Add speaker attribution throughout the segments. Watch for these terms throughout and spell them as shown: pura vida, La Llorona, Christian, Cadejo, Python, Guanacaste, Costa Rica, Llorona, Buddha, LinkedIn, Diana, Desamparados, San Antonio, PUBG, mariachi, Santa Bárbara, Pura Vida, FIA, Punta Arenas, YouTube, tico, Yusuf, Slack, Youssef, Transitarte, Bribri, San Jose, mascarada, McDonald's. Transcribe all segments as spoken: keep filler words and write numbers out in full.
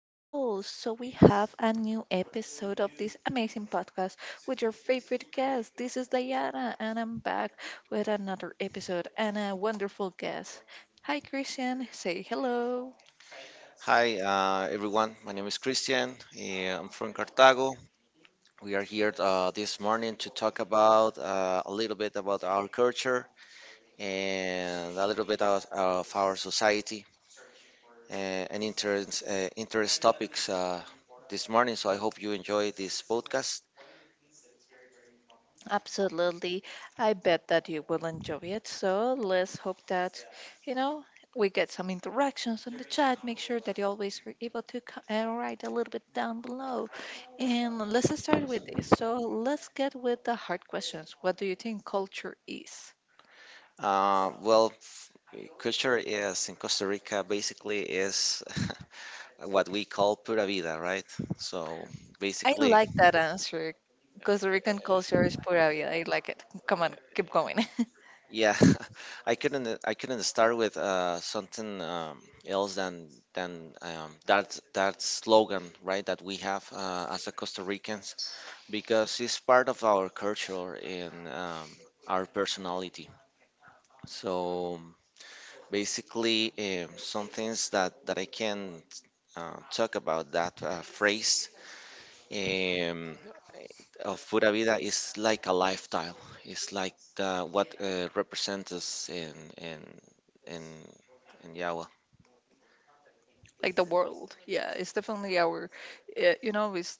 Speaker 1: people. So, we have a new episode of this amazing podcast with your favorite guest. This is Diana, and I'm back with another episode and a wonderful guest. Hi, Christian. Say hello.
Speaker 2: Hi, uh, everyone. My name is Christian. eh, I'm from Cartago. We are here uh, this morning to talk about uh, a little bit about our culture and a little bit of, of our society uh, and interest, uh, interest topics uh, this morning. So I hope you enjoy this podcast.
Speaker 1: Absolutely. I bet that you will enjoy it. So let's hope that, you know, we get some interactions on the chat. Make sure that you always are able to co- uh, write a little bit down below. And let's start with this. So let's get with the hard questions. What do you think culture is?
Speaker 2: Uh, well, eh, culture is in Costa Rica basically is what we call pura vida, right? So
Speaker 1: I
Speaker 2: basically.
Speaker 1: like that answer. Costa Rican culture is pura vida. I like it. Come on, keep going.
Speaker 2: Yeah, I couldn't uh, I couldn't start with uh, something um, else than than um, that that slogan, right? That we have uh, as a Costa Ricans because it's part of our culture, and um, our personality. So basically, um, some things that that I can uh, talk about that uh, phrase. Um, uh, Pura Vida is like a lifestyle. It's like the, what uh, represents us in in in in Yawa.
Speaker 1: Like the world, yeah, it's definitely our uh, you know, it's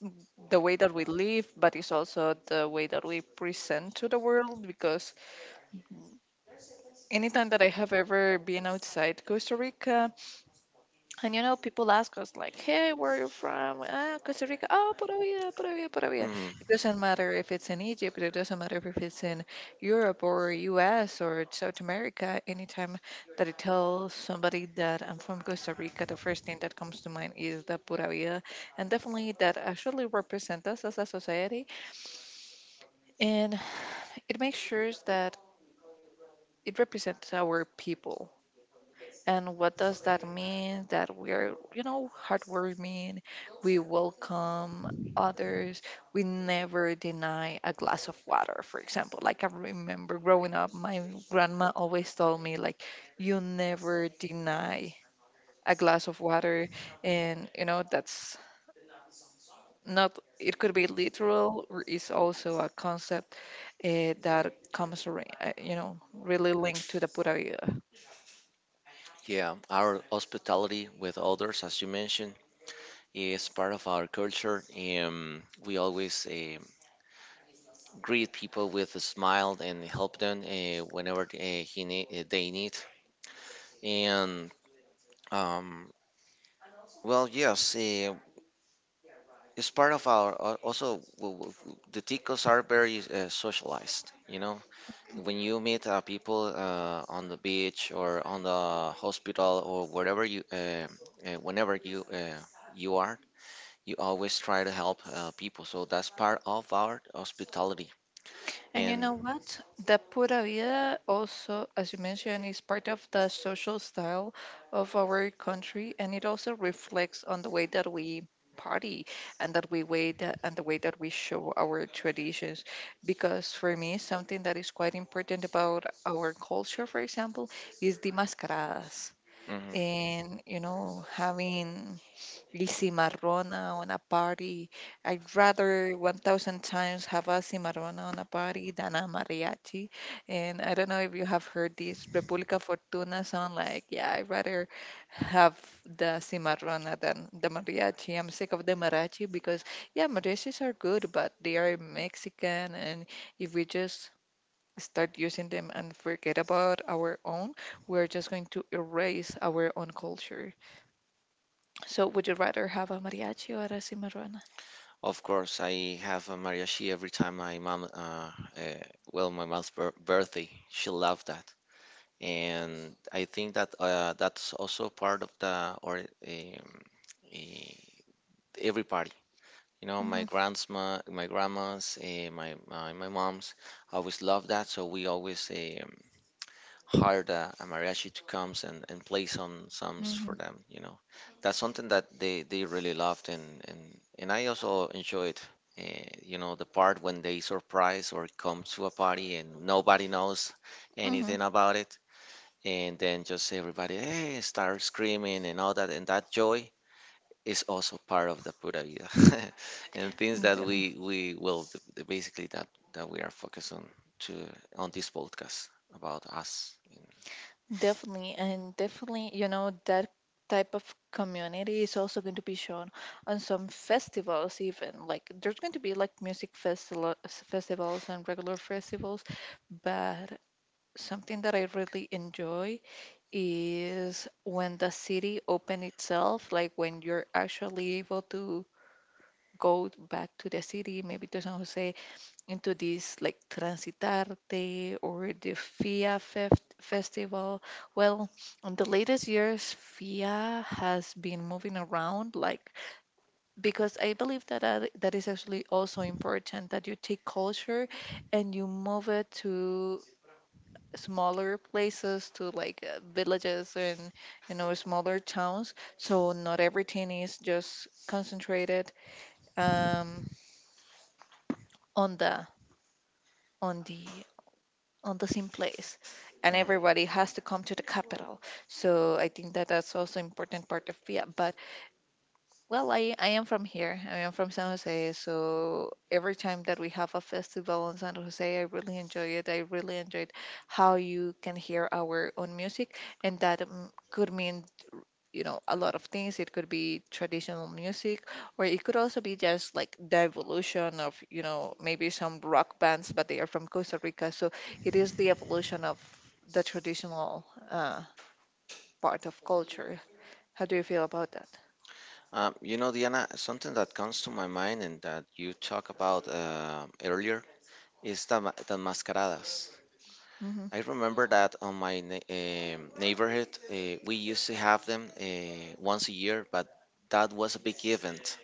Speaker 1: the way that we live, but it's also the way that we present to the world. Because anytime that I have ever been outside Costa Rica and, you know, people ask us like, "Hey, where are you from?" Ah, Costa Rica. Oh, Pura Vida, Pura Vida, Pura Vida.
Speaker 2: Hmm.
Speaker 1: It doesn't matter if it's in Egypt. It doesn't matter if it's in Europe or U S or South America. Anytime that I tell somebody that I'm from Costa Rica, the first thing that comes to mind is the Pura Vida, and definitely that actually represents us as a society, and it makes sure that it represents our people. And what does that mean? That we're, you know, heartwarming. We welcome others. We never deny a glass of water, for example. Like, I remember growing up, my grandma always told me, like, you never deny a glass of water. And, you know, that's not, it could be literal, or it's also a concept uh, that comes, ar- uh, you know, really linked to the Buddha.
Speaker 2: Yeah, our hospitality with others, as you mentioned, is part of our culture. Um, we always eh, greet people with a smile and help them uh, whenever uh, he ne- eh, they need. And um, well, yes, eh, it's part of our. al- Also, w- w- w- the ticos are very uh, socialized. You know, when you meet uh, people uh, on the beach or on the hospital or wherever you uh, uh, whenever you uh, you are, you always try to help uh, people, so that's part of our hospitality.
Speaker 1: And you
Speaker 2: And
Speaker 1: know what? The pura vida also, as you mentioned, is part of the social style of our country, and it also reflects on the way that we party and that we way that, and the way that we show our traditions. Because for me, something that is quite important about our culture, for example, is the mascaradas.
Speaker 2: mhm,
Speaker 1: And you know, having Y cimarrona on a party. I'd rather one thousand times have a cimarrona on a party than a mariachi. And I don't know if you have heard this República Fortuna sound like, yeah, I'd rather have the cimarrona than the mariachi. I'm sick of the mariachi because, yeah, mariachis are good, but they are Mexican. And if we just start using them and forget about our own, we're just going to erase our own culture. So, would you rather have a mariachi or a cimarrona?
Speaker 2: of course I have a mariachi every time my mom uh, uh, well, my mom's bir- birthday. She loved that, and I think that uh, that's also part of the or um, eh, every party. You know, my
Speaker 1: Mm-hmm.
Speaker 2: grandma, my grandma's, uh, my, my my mom's always loved that, so we always um, hired a, a mariachi to come and, and play some songs
Speaker 1: Mm-hmm.
Speaker 2: for them. You know, that's something that they, they really loved, and, and, and I also enjoyed. Uh, you know, the part when they surprise or come to a party and nobody knows
Speaker 1: Mm-hmm.
Speaker 2: anything about it, and then just everybody hey, start screaming and all that, and that joy is also part of the pura vida and things that
Speaker 1: Definitely.
Speaker 2: we we will th- th- basically that that we are focused on to on this podcast about us.
Speaker 1: Definitely. And definitely, you know, that type of community is also going to be shown on some festivals, even. Like, there's going to be like music festival festivals and regular festivals, but something that I really enjoy is when the city open itself, like when you're actually able to go back to the city, maybe to San Jose, into this like Transitarte or the F I A fef- festival. Well, in the latest years, F I A has been moving around, like, because I believe that that that is actually also important, that you take culture and you move it to smaller places, to like uh, villages and, you know, smaller towns. So not everything is just concentrated um, on the on the on the same place and everybody
Speaker 2: Mhm.
Speaker 1: has to come to the capital. So I think that that's also important part of fiat. But well, I, I am from here. I am from San Jose. So every time that we have a festival in San Jose, I really enjoy it. I really enjoyed how you can hear our own music, and that um, could mean, you know, a lot of things. It could be traditional music, or it could also be just like the evolution of, you know, maybe some rock bands, but they are from Costa Rica. So it is the evolution of the traditional uh, part of culture. How do you feel about that?
Speaker 2: Um, you know, Diana, something that comes to my mind and that you talk about uh, earlier is the, ma- the mascaradas.
Speaker 1: Hmm.
Speaker 2: I remember that on my ne- um neighborhood uh, we used to have them uh, once a year, but that was a big event,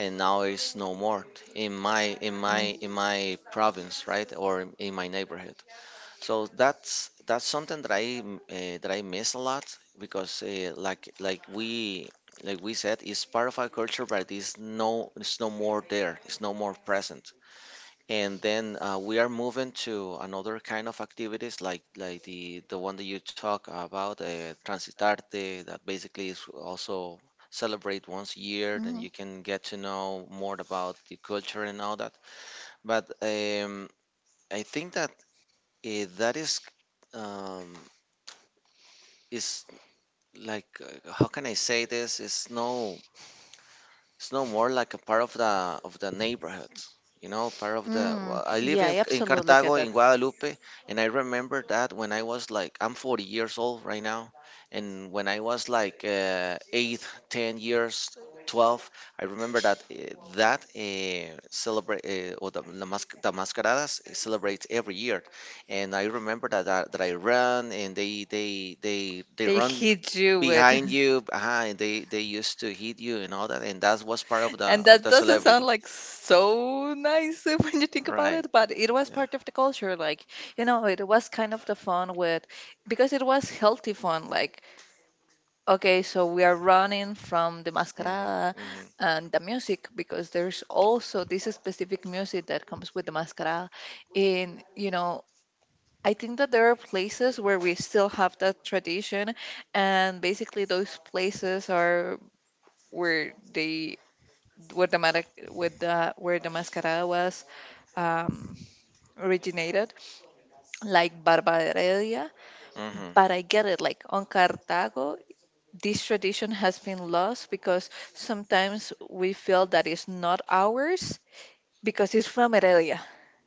Speaker 2: and now it's no more in my in my
Speaker 1: mm
Speaker 2: in my province, right? Or in in my neighborhood. So that's that's something that I uh, that I miss a lot, because uh, like like we like we said, it's part of our culture, but it's no it's no more there, it's no more present. And then uh, we are moving to another kind of activities, like like the the one that you talk about, uh, Transitarte, that basically is also celebrate once a year, then
Speaker 1: hmm
Speaker 2: you can get to know more about the culture and all that. But um, I think that uh, that is um, is like uh, how can I say this? It's no. It's no more like a part of the of the neighborhood. You know, part of the
Speaker 1: Mm,
Speaker 2: well, I live
Speaker 1: yeah,
Speaker 2: in,
Speaker 1: I
Speaker 2: in
Speaker 1: absolutely
Speaker 2: Cartago,
Speaker 1: get that.
Speaker 2: in Guadalupe, and I remember that when I was like, I'm forty years old right now, and when I was like uh, eight, ten years, twelve, I remember that uh, that uh, celebrate uh, or the, the, mas- the mascaradas eh, celebrates every year. And I remember that, that that I run, and they they they they
Speaker 1: They
Speaker 2: run
Speaker 1: hit you with.
Speaker 2: behind you, uh and they they used to hit you and all that, and that was part of the
Speaker 1: And
Speaker 2: of
Speaker 1: that
Speaker 2: the
Speaker 1: doesn't sound
Speaker 2: celebrity,
Speaker 1: like so nice when you think about
Speaker 2: right?
Speaker 1: it, but it was
Speaker 2: Yeah.
Speaker 1: part of the culture. Like, you know, it was kind of the fun with, because it was healthy fun. Like, okay, so we are running from the
Speaker 2: Hmm.
Speaker 1: mascarada
Speaker 2: Hmm.
Speaker 1: and the music, because there's also this specific music that comes with the mascarada. And, you know, I think that there are places where we still have that tradition, and basically those places are where they where the mara- with the where the mascarada was um, originated, like Barbarelia.
Speaker 2: Hmm.
Speaker 1: But I get it, like on Cartago, this tradition has been lost because sometimes we feel that it's not ours because it's from Heredia,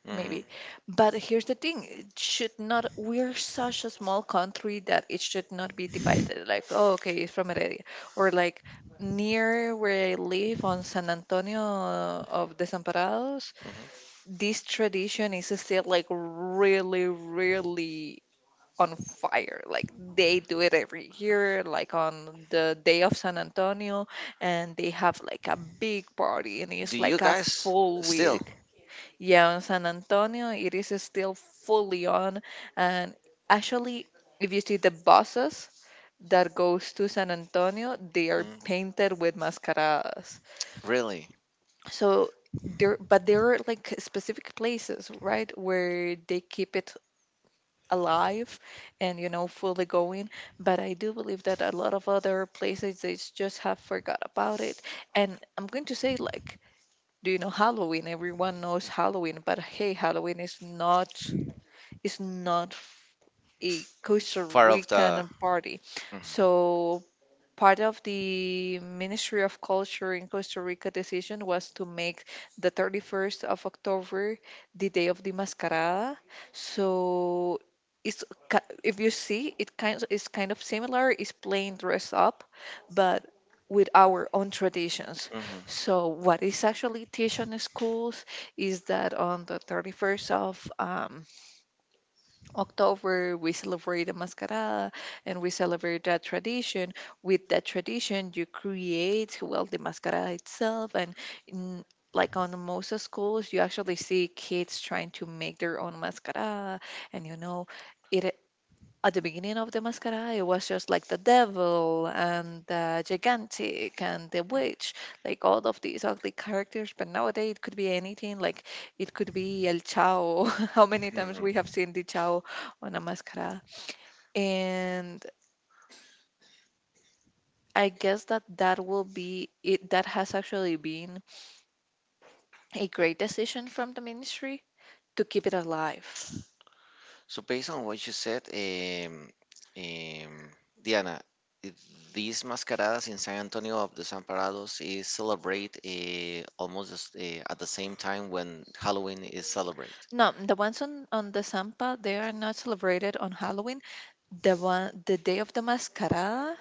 Speaker 2: Hmm.
Speaker 1: maybe. But here's the thing: it should not. We're such a small country that it should not be divided. Like, oh, okay, it's from Heredia, or like near where I live on San Antonio of Desamparados,
Speaker 2: Hmm.
Speaker 1: this tradition is still like really, really on fire. Like they do it every year, like on the day of San Antonio, and they have like a big party, and
Speaker 2: Do
Speaker 1: it's
Speaker 2: you
Speaker 1: like a
Speaker 2: guys
Speaker 1: full
Speaker 2: still
Speaker 1: week. Yeah, on San Antonio, it is still fully on, and actually, if you see the buses that goes to San Antonio, they are
Speaker 2: mm,
Speaker 1: painted with mascaradas.
Speaker 2: really
Speaker 1: So there, but there are like specific places, right, where they keep it alive and, you know, fully going. But I do believe that a lot of other places they s- just have forgot about it. And I'm going to say like, do you know Halloween? Everyone knows Halloween. But hey, Halloween is not is not f- a Costa
Speaker 2: part of the
Speaker 1: Rican party.
Speaker 2: hmm.
Speaker 1: So part of the Ministry of Culture in Costa Rica decision was to make the thirty-first of October the day of the mascarada. So it's ki- if you see it, kind of is kind of similar. It's plain dress up, but with our own traditions. So what is actually teach on the schools is that on the thirty-first of um, October, we celebrate the mascarada and we celebrate that tradition. With that tradition, you create, well, the mascarada itself. And in, like on most of schools, you actually see kids trying to make their own mascarada. And you know, it at the beginning of the mascara, it was just like the devil and the gigantic and the witch, like all of these ugly characters. But nowadays, it could be anything. Like, it could be El Chao. How many times
Speaker 2: Hmm.
Speaker 1: we have
Speaker 2: Hmm.
Speaker 1: seen the Chao on a mascara? And I guess that that will be it. That has actually been a great decision from the ministry to keep it alive.
Speaker 2: So based on what you said, um, um, Diana, i- these mascaradas in San Antonio of the Desamparados is celebrate uh, almost as- eh, at the same time when Halloween is celebrate.
Speaker 1: No, the ones on, on the Sampa, they are not celebrated on Halloween. The one, the day of the Mascara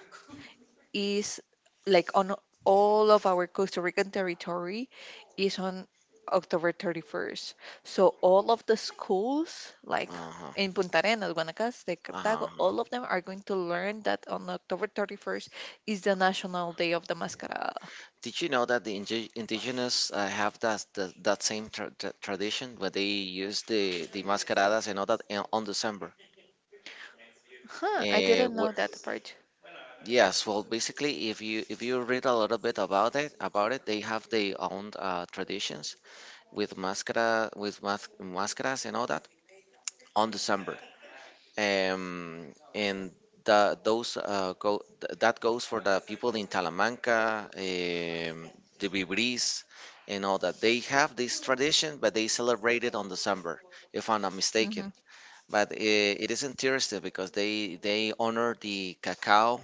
Speaker 1: is like on all of our Costa Rican territory, is on October thirty-first. So all of the schools, like
Speaker 2: Uh-huh.
Speaker 1: in Punta Arenas, Guanacaste, Cartago,
Speaker 2: Uh-huh.
Speaker 1: all of them are going to learn that on October thirty-first is the National Day of the Mascarada.
Speaker 2: Did you know that the indi indigenous uh, have that, that that same tra tra tradition where they use the the mascaradas and all that in, on December?
Speaker 1: Huh, I
Speaker 2: Uh,
Speaker 1: didn't know that part.
Speaker 2: Yes, well, basically, if you if you read a little bit about it, about it, they have their own uh, traditions with mascara, with mas mascaras and all that on December. Um, and the those uh, go th- that goes for the people in Talamanca, um, the Vibris, and all that. They have this tradition, but they celebrate it on December, if I'm not
Speaker 1: Hmm.
Speaker 2: mistaken. But it, it is interesting because they they honor the cacao,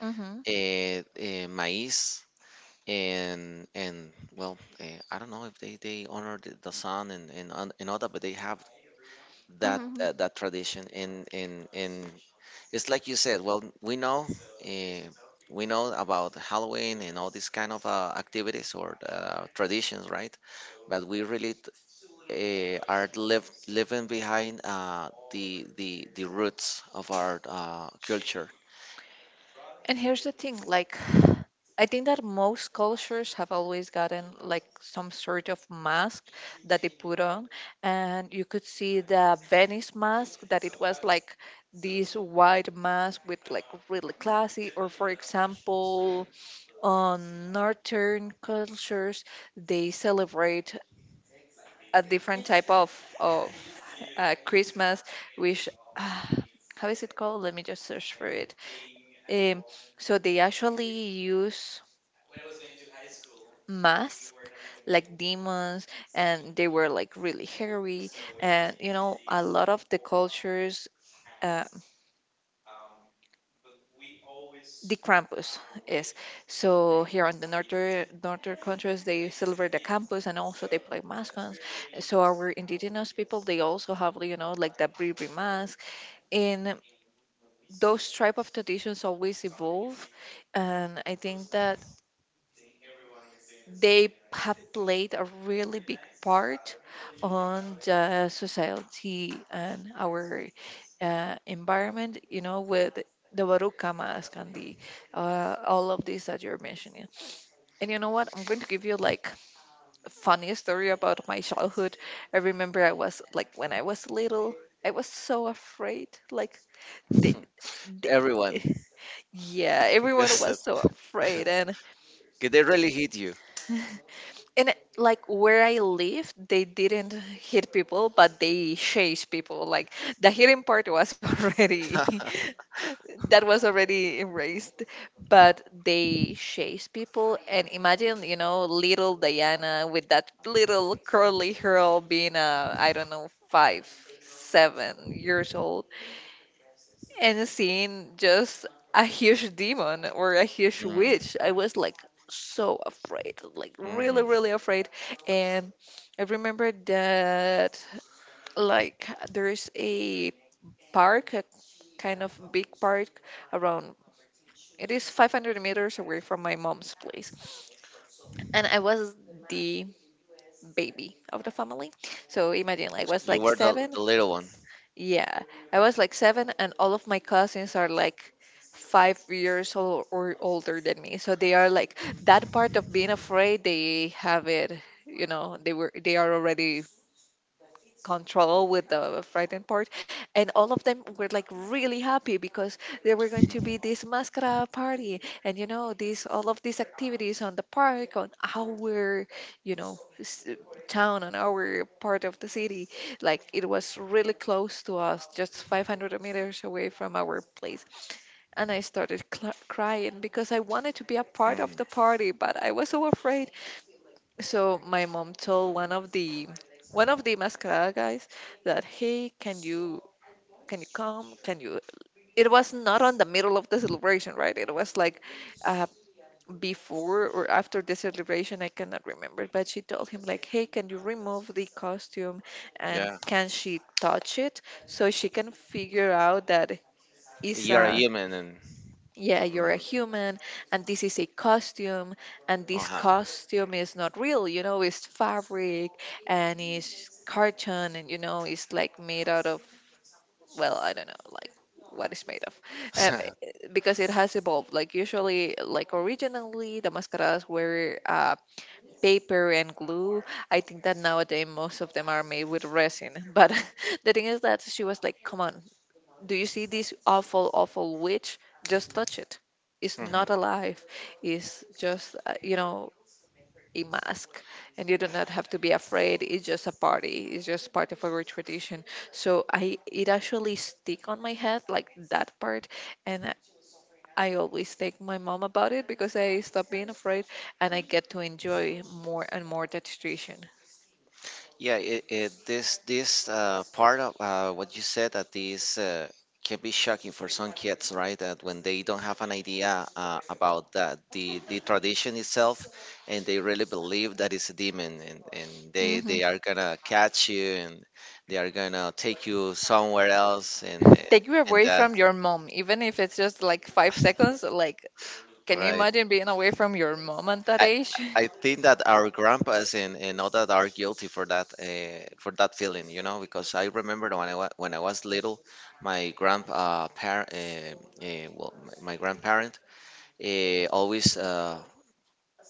Speaker 1: Hmm.
Speaker 2: uh, uh, maize, and and well uh, I don't know if they they honor the, the sun and and on- and all that, but they have that
Speaker 1: Hmm.
Speaker 2: that, that tradition and and and it's like you said, well, we know uh, we know about Halloween and all these kind of uh, activities or uh, traditions, right? But we really uh, are live, living behind uh, the the the roots of our uh, culture.
Speaker 1: And here's the thing, like, I think that most cultures have always gotten like some sort of mask that they put on, and you could see the Venice mask that it was like this white mask with like really classy, or for example, on northern cultures they celebrate a different type of of uh, Christmas, which. Uh, how is it called? Let me just search for it. Um, so they actually use masks like demons, and they were like really hairy. And you know, a lot of the cultures, uh, the Krampus is, so here on the northern northern countries they celebrate the Krampus, and also they play mascots. So our indigenous people, they also have, you know, like the Bribri mask, and those type of traditions always evolve. And I think that they have played a really big part on the society and our uh, environment, you know, with the Baruca mask and the uh, all of this that you're mentioning. And you know what? I'm going to give you like a funny story about my childhood. I remember I was like when I was little, I was so afraid. Like the, the
Speaker 2: Everyone
Speaker 1: yeah, everyone
Speaker 2: because
Speaker 1: was so afraid. And
Speaker 2: they really hit you.
Speaker 1: and it- like where I live, they didn't hit people, but they chased people. Like, the hitting part was already that was already erased, but they chased people. And imagine, you know, little Diana with that little curly hair, being a, I don't know, five, seven years old, and seeing just a huge demon or a huge
Speaker 2: Mm,
Speaker 1: witch, I was like so afraid, like really,
Speaker 2: mhm.
Speaker 1: really afraid. And I remember that like there's a park, a kind of big park around. It is five hundred meters away from my mom's place, and I was the baby of the family. So imagine, like, I was
Speaker 2: You
Speaker 1: like
Speaker 2: were the,
Speaker 1: seven.
Speaker 2: the little one.
Speaker 1: Yeah, I was like seven, and all of my cousins are like five years old or older than me. So they are like that part of being afraid. They have it, you know. They were they are already control with the frightened part, and all of them were like really happy because there were going to be this mascara party, and you know these all of these activities on the park, on our you know s- town, on our part of the city. Like it was really close to us, just five hundred meters away from our place. And I started cl- crying because I wanted to be a part of
Speaker 2: Hmm.
Speaker 1: the party, but I was so afraid. So my mom told one of the one of the mascara guys that, hey, can you can you come? Can you? It was not on the middle of the celebration, right? It was like uh, before or after the celebration. I cannot remember, but she told him like, hey, can you remove the costume, and
Speaker 2: Yeah.
Speaker 1: can she touch it so she can figure out that it's
Speaker 2: You are a
Speaker 1: a...
Speaker 2: human and.
Speaker 1: Yeah, you're a
Speaker 2: Mhm,
Speaker 1: human, and this is a costume, and this
Speaker 2: uh-huh.
Speaker 1: costume is not real, you know, it's fabric, and it's carton, and you know, it's like made out of, well, I don't know, like what it's made of. Um, eh, because it has evolved. Like usually, like originally, the mascaras were uh, paper and glue. I think that nowadays most of them are made with resin. But the thing is that she was like, come on, do you see this awful, awful witch? Just touch it. It's
Speaker 2: Mhm.
Speaker 1: not alive. It's just, uh, you know, a mask. And you do not have to be afraid. It's just a party. It's just part of our tradition. So I, it actually stick on my head, like that part. And I I always take my mom about it because I stop being afraid, and I get to enjoy more and more that tradition.
Speaker 2: Yeah, it, it, this this uh, part of uh, what you said, that this uh, can be shocking for some kids, right? That when they don't have an idea uh, about that the the tradition itself, and they really believe that it's a demon, and, and they
Speaker 1: Hmm.
Speaker 2: they are gonna catch you, and they are gonna take you somewhere else, and
Speaker 1: Take you
Speaker 2: and
Speaker 1: away
Speaker 2: that
Speaker 1: from your mom, even if it's just like five seconds. Like, can you
Speaker 2: right.
Speaker 1: imagine being away from your mom at that age?
Speaker 2: I think that our grandpas and, and all that are guilty for that uh, for that feeling, you know, because I remember when I wa- when I was little, my grand uh, par- uh, uh, well, my, my grandparent uh, always uh,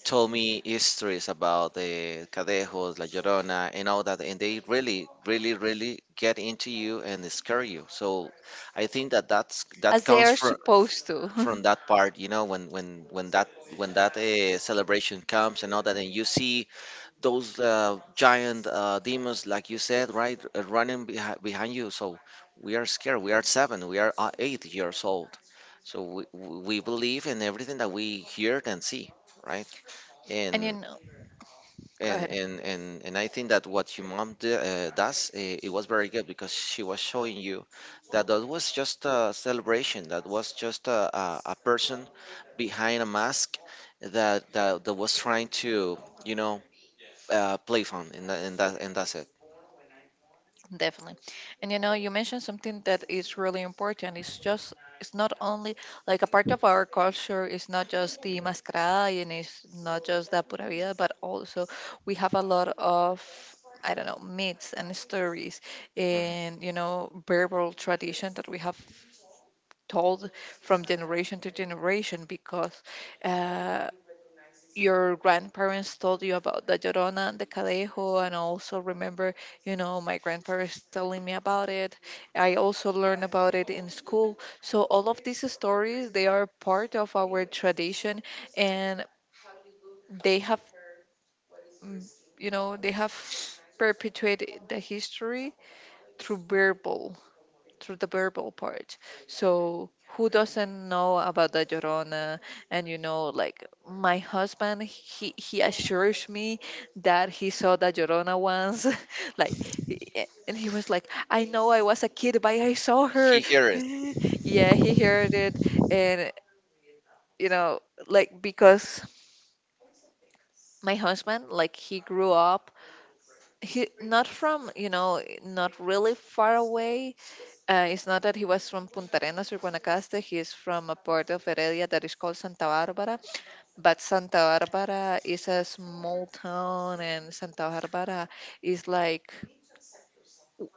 Speaker 2: told me histories about the Cadejos, La Llorona, and all that, and they really, really, really get into you and scare you. So I think that that's that
Speaker 1: As they
Speaker 2: comes
Speaker 1: are
Speaker 2: from
Speaker 1: supposed to.
Speaker 2: from that part, you know, when when when that when that uh, celebration comes and all that, and you see those uh, giant uh, demons, like you said, right, uh, running behi- behind you. So we are scared. We are seven. We are uh, eight years old. So we, we believe in everything that we hear and see, right?
Speaker 1: And you
Speaker 2: And
Speaker 1: know, go
Speaker 2: and
Speaker 1: ahead,
Speaker 2: and and, and I think that what your mom d- uh, does, uh, it was very good, because she was showing you that that was just a celebration. That was just a, a, a person behind a mask, that that, that was trying to, you know, uh, playphone, and that, and that, and that's it.
Speaker 1: definitely. And you know, you mentioned something that is really important. It's just, it's not only like a part of our culture, it's not just the mascarada, and it's not just the pura vida, but also we have a lot of, I don't know, myths and stories
Speaker 2: Mhm.
Speaker 1: and, you know, verbal tradition that we have told from generation to generation because uh, your grandparents told you about the Llorona and the Cadejo, and I also remember, you know, my grandparents telling me about it. I also learned about it in school. So all of these stories, they are part of our tradition, and they have, mm, you know, they have perpetuated the history through verbal through the verbal part. So who doesn't know about the Llorona? And you know, like my husband, he he assures me that he saw the Llorona once, like, he- and he was like, I know I was a kid, but I saw her.
Speaker 2: He hear it
Speaker 1: Yeah, he heard it, and you know, like because my husband, like he grew up, he not from, you know, not really far away. Uh, it's not that he was from Punta Arenas or Guanacaste. He is from a part of Heredia that is called Santa Bárbara. But Santa Bárbara is a small town, and Santa Bárbara is like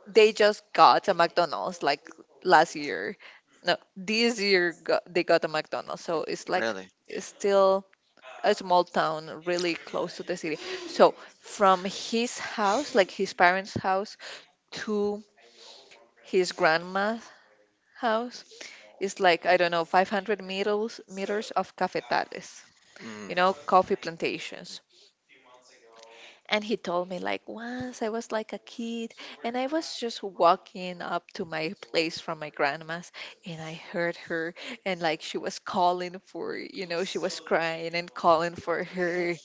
Speaker 1: they just got a McDonald's like last year. No, this year got, they got a McDonald's. So it's like
Speaker 2: really.
Speaker 1: it's still a small town, really close to the city. So from his house, like his parents' house, to his grandma's house, it's like, I don't know, five hundred meters, meters of cafetales,
Speaker 2: Mm.
Speaker 1: you know, coffee plantations. And he told me like, once I was like a kid and I was just walking up to my place from my grandma's, and I heard her, and like she was calling for, you know, she was crying and calling for her,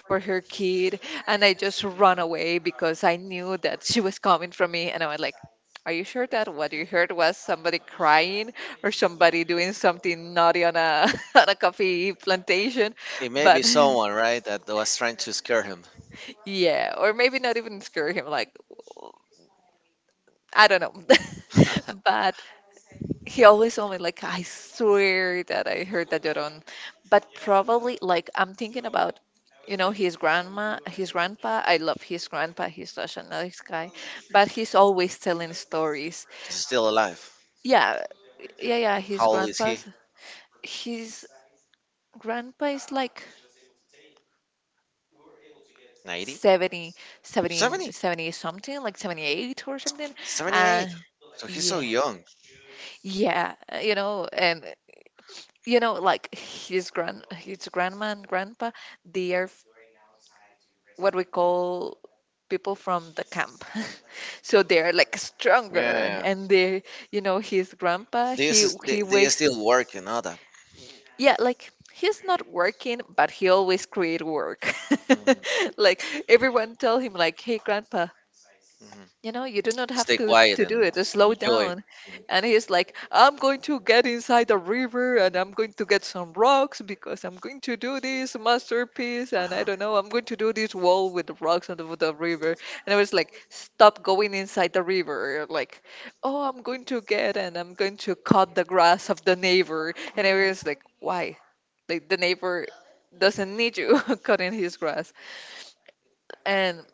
Speaker 1: for her kid, and I just run away because I knew that she was coming from me. And I was like, are you sure that what you heard was somebody crying or somebody doing something naughty on a on a coffee plantation?
Speaker 2: It may be
Speaker 1: But
Speaker 2: someone, right, that was trying to scare him.
Speaker 1: yeah, or maybe not even scare him, like, I don't know. But he always told me, like, I swear that I heard that Llorón. But probably, like, I'm thinking about, you know, his grandma, his grandpa. I love his grandpa. He's such a nice guy. But he's always telling stories.
Speaker 2: He's still alive.
Speaker 1: Yeah, yeah, yeah. His
Speaker 2: How old is he?
Speaker 1: grandpa's, his grandpa is like
Speaker 2: Ninety?
Speaker 1: seventy, seventy,
Speaker 2: Seventy?
Speaker 1: seventy something, like seventy-eight or something. And
Speaker 2: Seventy-eight. So he's so
Speaker 1: yeah.
Speaker 2: young.
Speaker 1: Yeah, uh, you know, and uh, you know, like his grand, his grandma and grandpa, they are f- what we call people from the camp. So they are like stronger,
Speaker 2: Yeah.
Speaker 1: and they, you know, his grandpa,
Speaker 2: This
Speaker 1: he
Speaker 2: is
Speaker 1: he
Speaker 2: they, they are
Speaker 1: wakes,
Speaker 2: still working on that.
Speaker 1: yeah, like he's not working, but he always create work.
Speaker 2: Mhm,
Speaker 1: Like everyone tell him, like, hey, grandpa,
Speaker 2: mhm.
Speaker 1: you know you do not have
Speaker 2: Stay
Speaker 1: to
Speaker 2: quiet
Speaker 1: to
Speaker 2: and
Speaker 1: do it, just slow
Speaker 2: enjoy.
Speaker 1: down.
Speaker 2: Mhm.
Speaker 1: And he's like, I'm going to get inside the river and I'm going to get some rocks because I'm going to do this masterpiece, and I
Speaker 2: Wow.
Speaker 1: don't know, I'm going to do this wall with the rocks on the, with the river. And I was like, stop going inside the river. Like, oh, I'm going to get, and I'm going to cut the grass of the neighbor. And I
Speaker 2: Mm.
Speaker 1: was like, why? Like the neighbor doesn't need you cutting his grass. And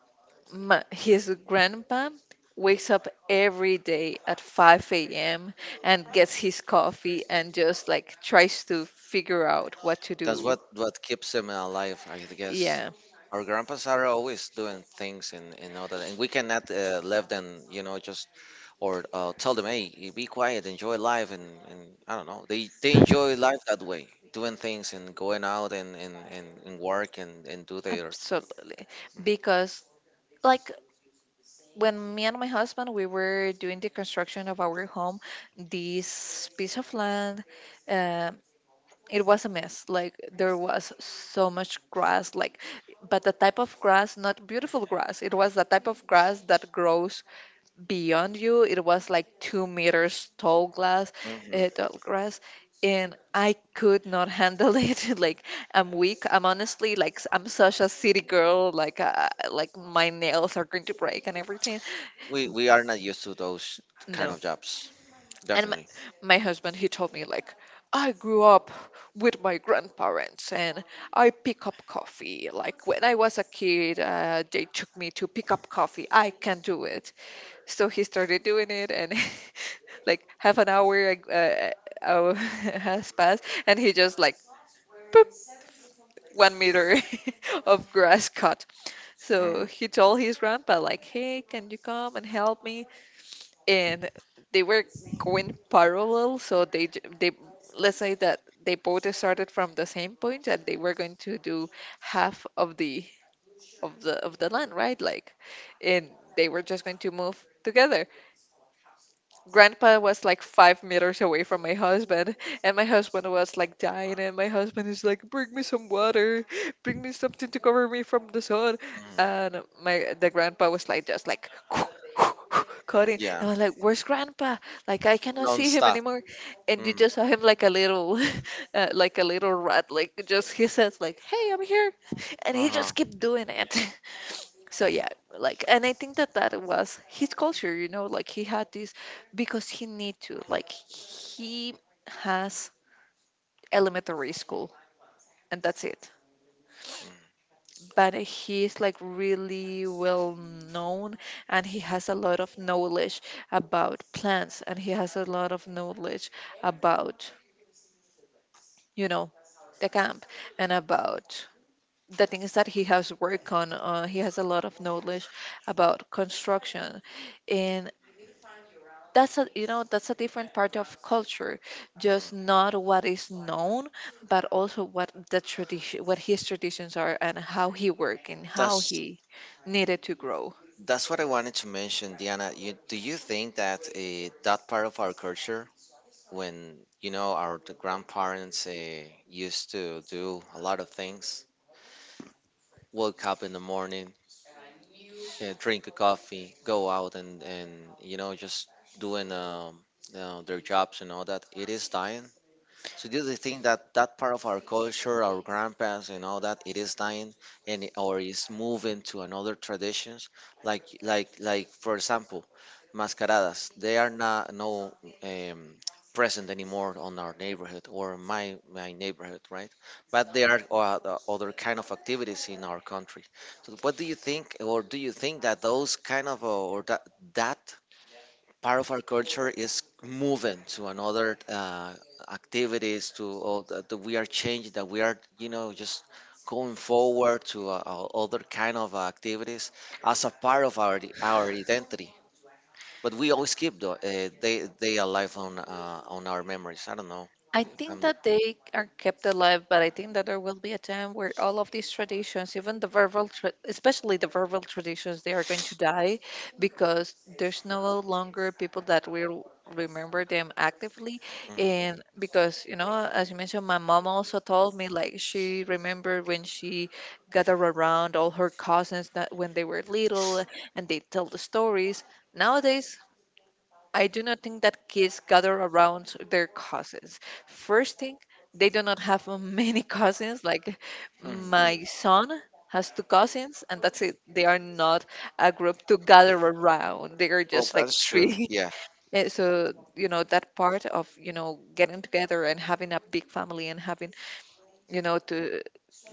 Speaker 1: Ma his grandpa wakes up every day at five a m and gets his coffee and just like tries to figure out what to
Speaker 2: That's
Speaker 1: do.
Speaker 2: what what keeps them alive, I guess.
Speaker 1: Yeah,
Speaker 2: Our grandpas are always doing things and, and all that, and we cannot uh, let them, you know, just or uh, tell them, hey, you be quiet, enjoy life, and, and I don't know. They they enjoy life that way, doing things and going out and and, and, and work and, and do their.
Speaker 1: absolutely. Because like when me and my husband we were doing the construction of our home, this piece of land, uh, it was a mess. Like there was so much grass, like but the type of grass, not beautiful grass. It was the type of grass that grows beyond you. It was like two meters tall glass,
Speaker 2: Mhm.
Speaker 1: uh, tall grass, and I could not handle it. Like I'm weak. I'm honestly like s- I'm such a city girl. Like uh, like my nails are going to break and everything.
Speaker 2: We we are not used to those kind
Speaker 1: No,
Speaker 2: of jobs.
Speaker 1: and my,
Speaker 2: Definitely.
Speaker 1: my husband he told me like, I grew up with my grandparents, and I pick up coffee. Like when I was a kid, uh, they took me to pick up coffee. I can do it. So he started doing it, and like half an hour uh, uh, has passed, and he just like, boop, one meter of grass cut.
Speaker 2: Hmm.
Speaker 1: So he told his grandpa like, hey, can you come and help me? And they were going parallel, so they j- they, let's say that they both started from the same point and they were going to do half of the of the of the land, right? Like, and they were just going to move together. Grandpa was like five meters away from my husband, and my husband was like dying, and my husband is like, bring me some water, bring me something to cover me from the sun.
Speaker 2: Hmm.
Speaker 1: And my the grandpa was like just like cutting.
Speaker 2: Yeah.
Speaker 1: And I was like, where's grandpa? Like I cannot see him
Speaker 2: Non-stop.
Speaker 1: anymore. And you
Speaker 2: Mm.
Speaker 1: just saw him like a little uh, like a little rat, like just he says like, hey, I'm here. And he
Speaker 2: Uh-huh.
Speaker 1: just kept doing it. So yeah, like, and I think that that was his culture, you know, like he had this because he need to, like he has elementary school and that's it.
Speaker 2: Mm.
Speaker 1: But he's like really well known, and he has a lot of knowledge about plants, and he has a lot of knowledge about, you know, the camp, and about the things that he has worked on. Uh, he has a lot of knowledge about construction. That's a, you know, that's a different part of culture,
Speaker 2: Mm.
Speaker 1: just not what is known, but also what the tradition, what his traditions are, and how he worked and how
Speaker 2: That's
Speaker 1: he needed to grow.
Speaker 2: that's what I wanted to mention, Diana. You, do you think that uh, that part of our culture, when you know our the grandparents uh, used to do a lot of things, wake up in the morning, uh, drink a coffee, go out and and you know just doing um, you know, their jobs and all that. It is dying. So this is the thing that that part of our culture, our grandpas and all that, it is dying, and it- or is moving to another traditions. Like like like for example, mascaradas. They are not no um, present anymore on our neighborhood or my my neighborhood, right? But there are o- the other kind of activities in our country. So, what do you think, or do you think that those kind of uh, or that that part of our culture is moving to another uh, activities, to all that that we are changing, that we are you know just going forward to uh, uh, other kind of activities as a part of our i- our identity. But we always keep the, uh, they they alive on uh, on our memories. I don't know.
Speaker 1: I think
Speaker 2: Um,
Speaker 1: that they are kept alive, but I think that there will be a time where all of these traditions, even the verbal, tra- especially the verbal traditions, they are going to die because there's no longer people that will remember them actively.
Speaker 2: mhm,
Speaker 1: And because, you know, as you mentioned, my mom also told me like she remembered when she gathered around all her cousins that when they were little and they tell the stories. Nowadays, I do not think that kids gather around their cousins. First thing, they do not have many cousins. Like
Speaker 2: mhm.
Speaker 1: my son has two cousins, and that's it. They are not a group to gather around. They are
Speaker 2: Well,
Speaker 1: just like
Speaker 2: that's true.
Speaker 1: three.
Speaker 2: Yeah.
Speaker 1: Eh, So, you know, that part of, you know, getting together and having a big family and having, you know, to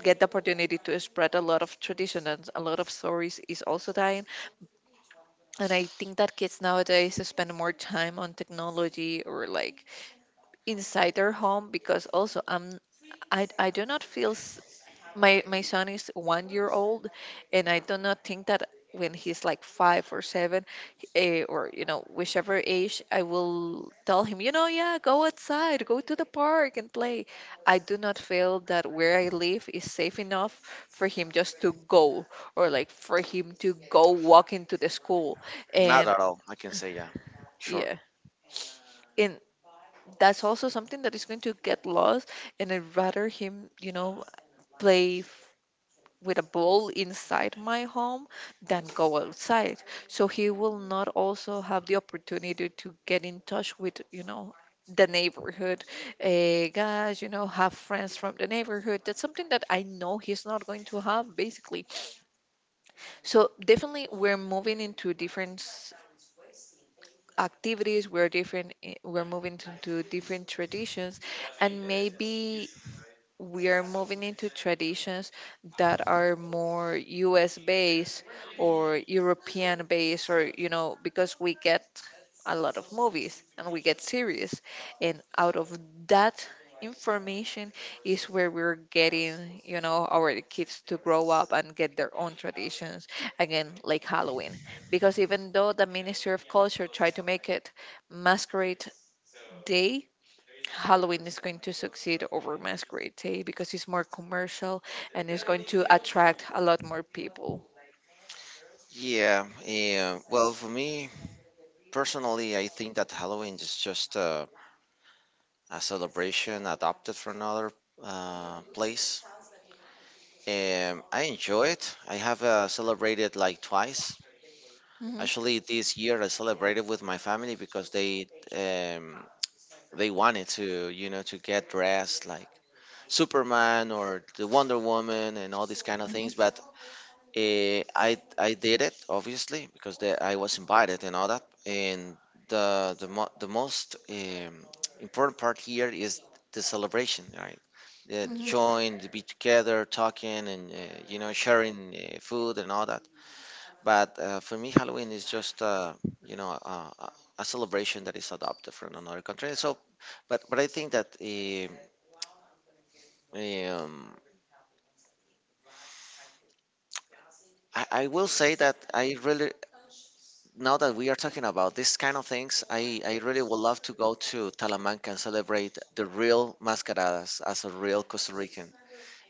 Speaker 1: get the opportunity to spread a lot of tradition and a lot of stories is also dying. And I think that kids nowadays spend more time on technology or like inside their home because also I'm I, I do not feel s- my my son is one year old, and I do not think that when he's like five or seven eh, or you know whichever age I will tell him, you know, yeah, go outside, go to the park and play. I do not feel that where I live is safe enough for him just to go, or like for him to go walk into the school
Speaker 2: Not
Speaker 1: and
Speaker 2: at all. I can say yeah. Sure.
Speaker 1: yeah. And that's also something that is going to get lost. And I'd rather him, you know, play f- with a ball inside my home than go outside. So he will not also have the opportunity to get in touch with, you know, the neighborhood uh, guys, you know, have friends from the neighborhood. That's something that I know he's not going to have, basically. So definitely we're moving into different activities, we're different i- we're moving to, to different traditions, and maybe we are moving into traditions that are more U S based or European based, or, you know, because we get a lot of movies and we get series. And out of that information is where we're getting, you know, our kids to grow up and get their own traditions. Again, like Halloween. Because even though the Ministry of Culture tried to make it Masquerade Day, Halloween is going to succeed over Masquerade Day because it's more commercial and it's going to attract a lot more people.
Speaker 2: Yeah. Yeah. Well, for me personally, I think that Halloween is just uh, a celebration adopted from another uh, place. Um, I enjoy it. I have uh, celebrated like twice.
Speaker 1: Hmm.
Speaker 2: Actually, this year I celebrated with my family because they um, they wanted to, you know, to get dressed like Superman or the Wonder Woman and all these kind of things.
Speaker 1: Hmm.
Speaker 2: But Eh, I I did it obviously because the, I was invited and all that. And the the mo- the most um, important part here is the celebration, right? The
Speaker 1: Hmm.
Speaker 2: join, the be together, talking, and uh, you know sharing uh, food and all that. But uh, for me, Halloween is just uh, you know uh, a a celebration that is adopted from another country. So, but but I think that um, um, I, I will say that I really now that we are talking about these kind of things, I, I really would love to go to Talamanca and celebrate the real mascaradas as a real Costa Rican.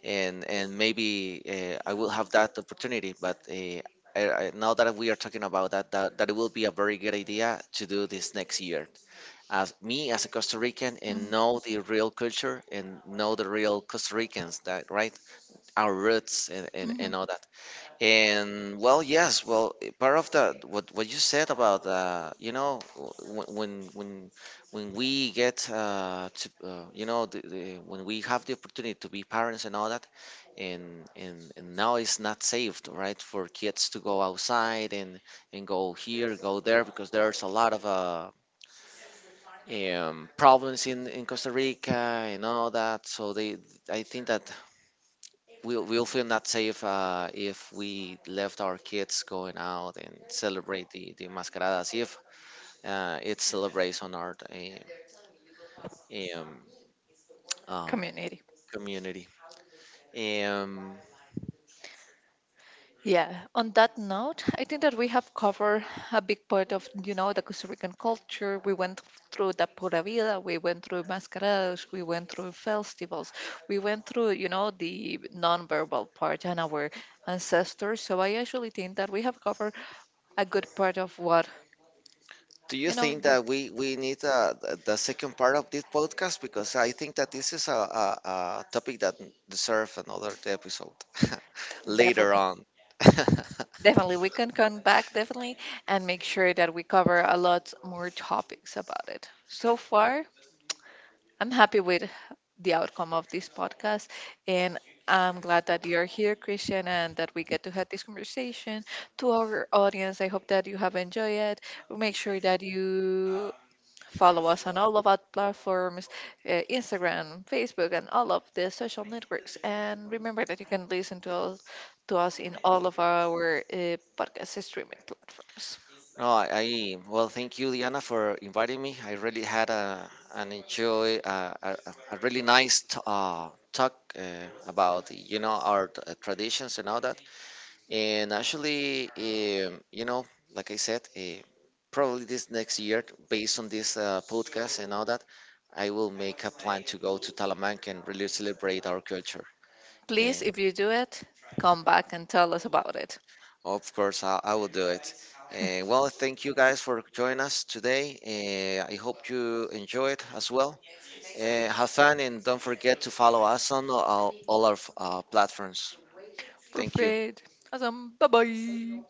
Speaker 2: And, and maybe uh, I will have that opportunity, but uh, I, I, now that we are talking about that, that, that it will be a very good idea to do this next year. As me as a Costa Rican
Speaker 1: Hmm.
Speaker 2: and know the real culture and know the real Costa Ricans, that right, our roots and, and, and
Speaker 1: Hmm.
Speaker 2: all that. And well, yes, well, eh, part of that what what you said about uh, you know, w- when when when we get uh, to uh, you know, the, the, when we have the opportunity to be parents and all that, and and and now it's not safe, right, for kids to go outside and and go here, go there, because there's a lot of uh, um, problems in in Costa Rica and all that. So they, I think that we'll we'll feel not safe uh, if we left our kids going out and celebrate the the mascaradas if uh, it celebrates on our uh, um, um,
Speaker 1: Community.
Speaker 2: community. Um,
Speaker 1: Yeah. On that note, I think that we have covered a big part of, you know, the Costa Rican culture. We went through the Pura Vida, we went through mascaradas, we went through festivals, we went through, you know, the non-verbal part and our ancestors. So I actually think that we have covered a good part of what
Speaker 2: do you
Speaker 1: you know.
Speaker 2: think
Speaker 1: The
Speaker 2: that we we need uh, th- the second part of this podcast, because I think that this is a, a, a topic that deserves another episode later
Speaker 1: definitely.
Speaker 2: on.
Speaker 1: Definitely. We can come back definitely and make sure that we cover a lot more topics about it. So far, I'm happy with the outcome of this podcast, and I'm glad that you're here, Christian, and that we get to have this conversation. To our audience, I hope that you have enjoyed it. Make sure that you follow us on all of our platforms, uh, Instagram, Facebook, and all of the social networks. And remember that you can listen to us, to us in all of our uh, podcast streaming platforms.
Speaker 2: No, I, I well, thank you, Diana, for inviting me. I really had a an enjoy uh, a, a a really nice t- uh, talk uh, about you know our t- uh, traditions and all that. And actually, um, you know, like I said, uh, probably this next year, based on this uh, podcast and all that, I will make a plan to go to Talamanca and really celebrate our culture.
Speaker 1: Please,
Speaker 2: And
Speaker 1: if you do it, come back and tell us about it.
Speaker 2: of course, I, I will do it. Uh, well, thank you guys for joining us today. Uh, I hope you enjoy it as well. Uh, have fun and don't forget to follow us on all, all our uh, platforms. Thank you.
Speaker 1: Perfect. Awesome. Bye bye.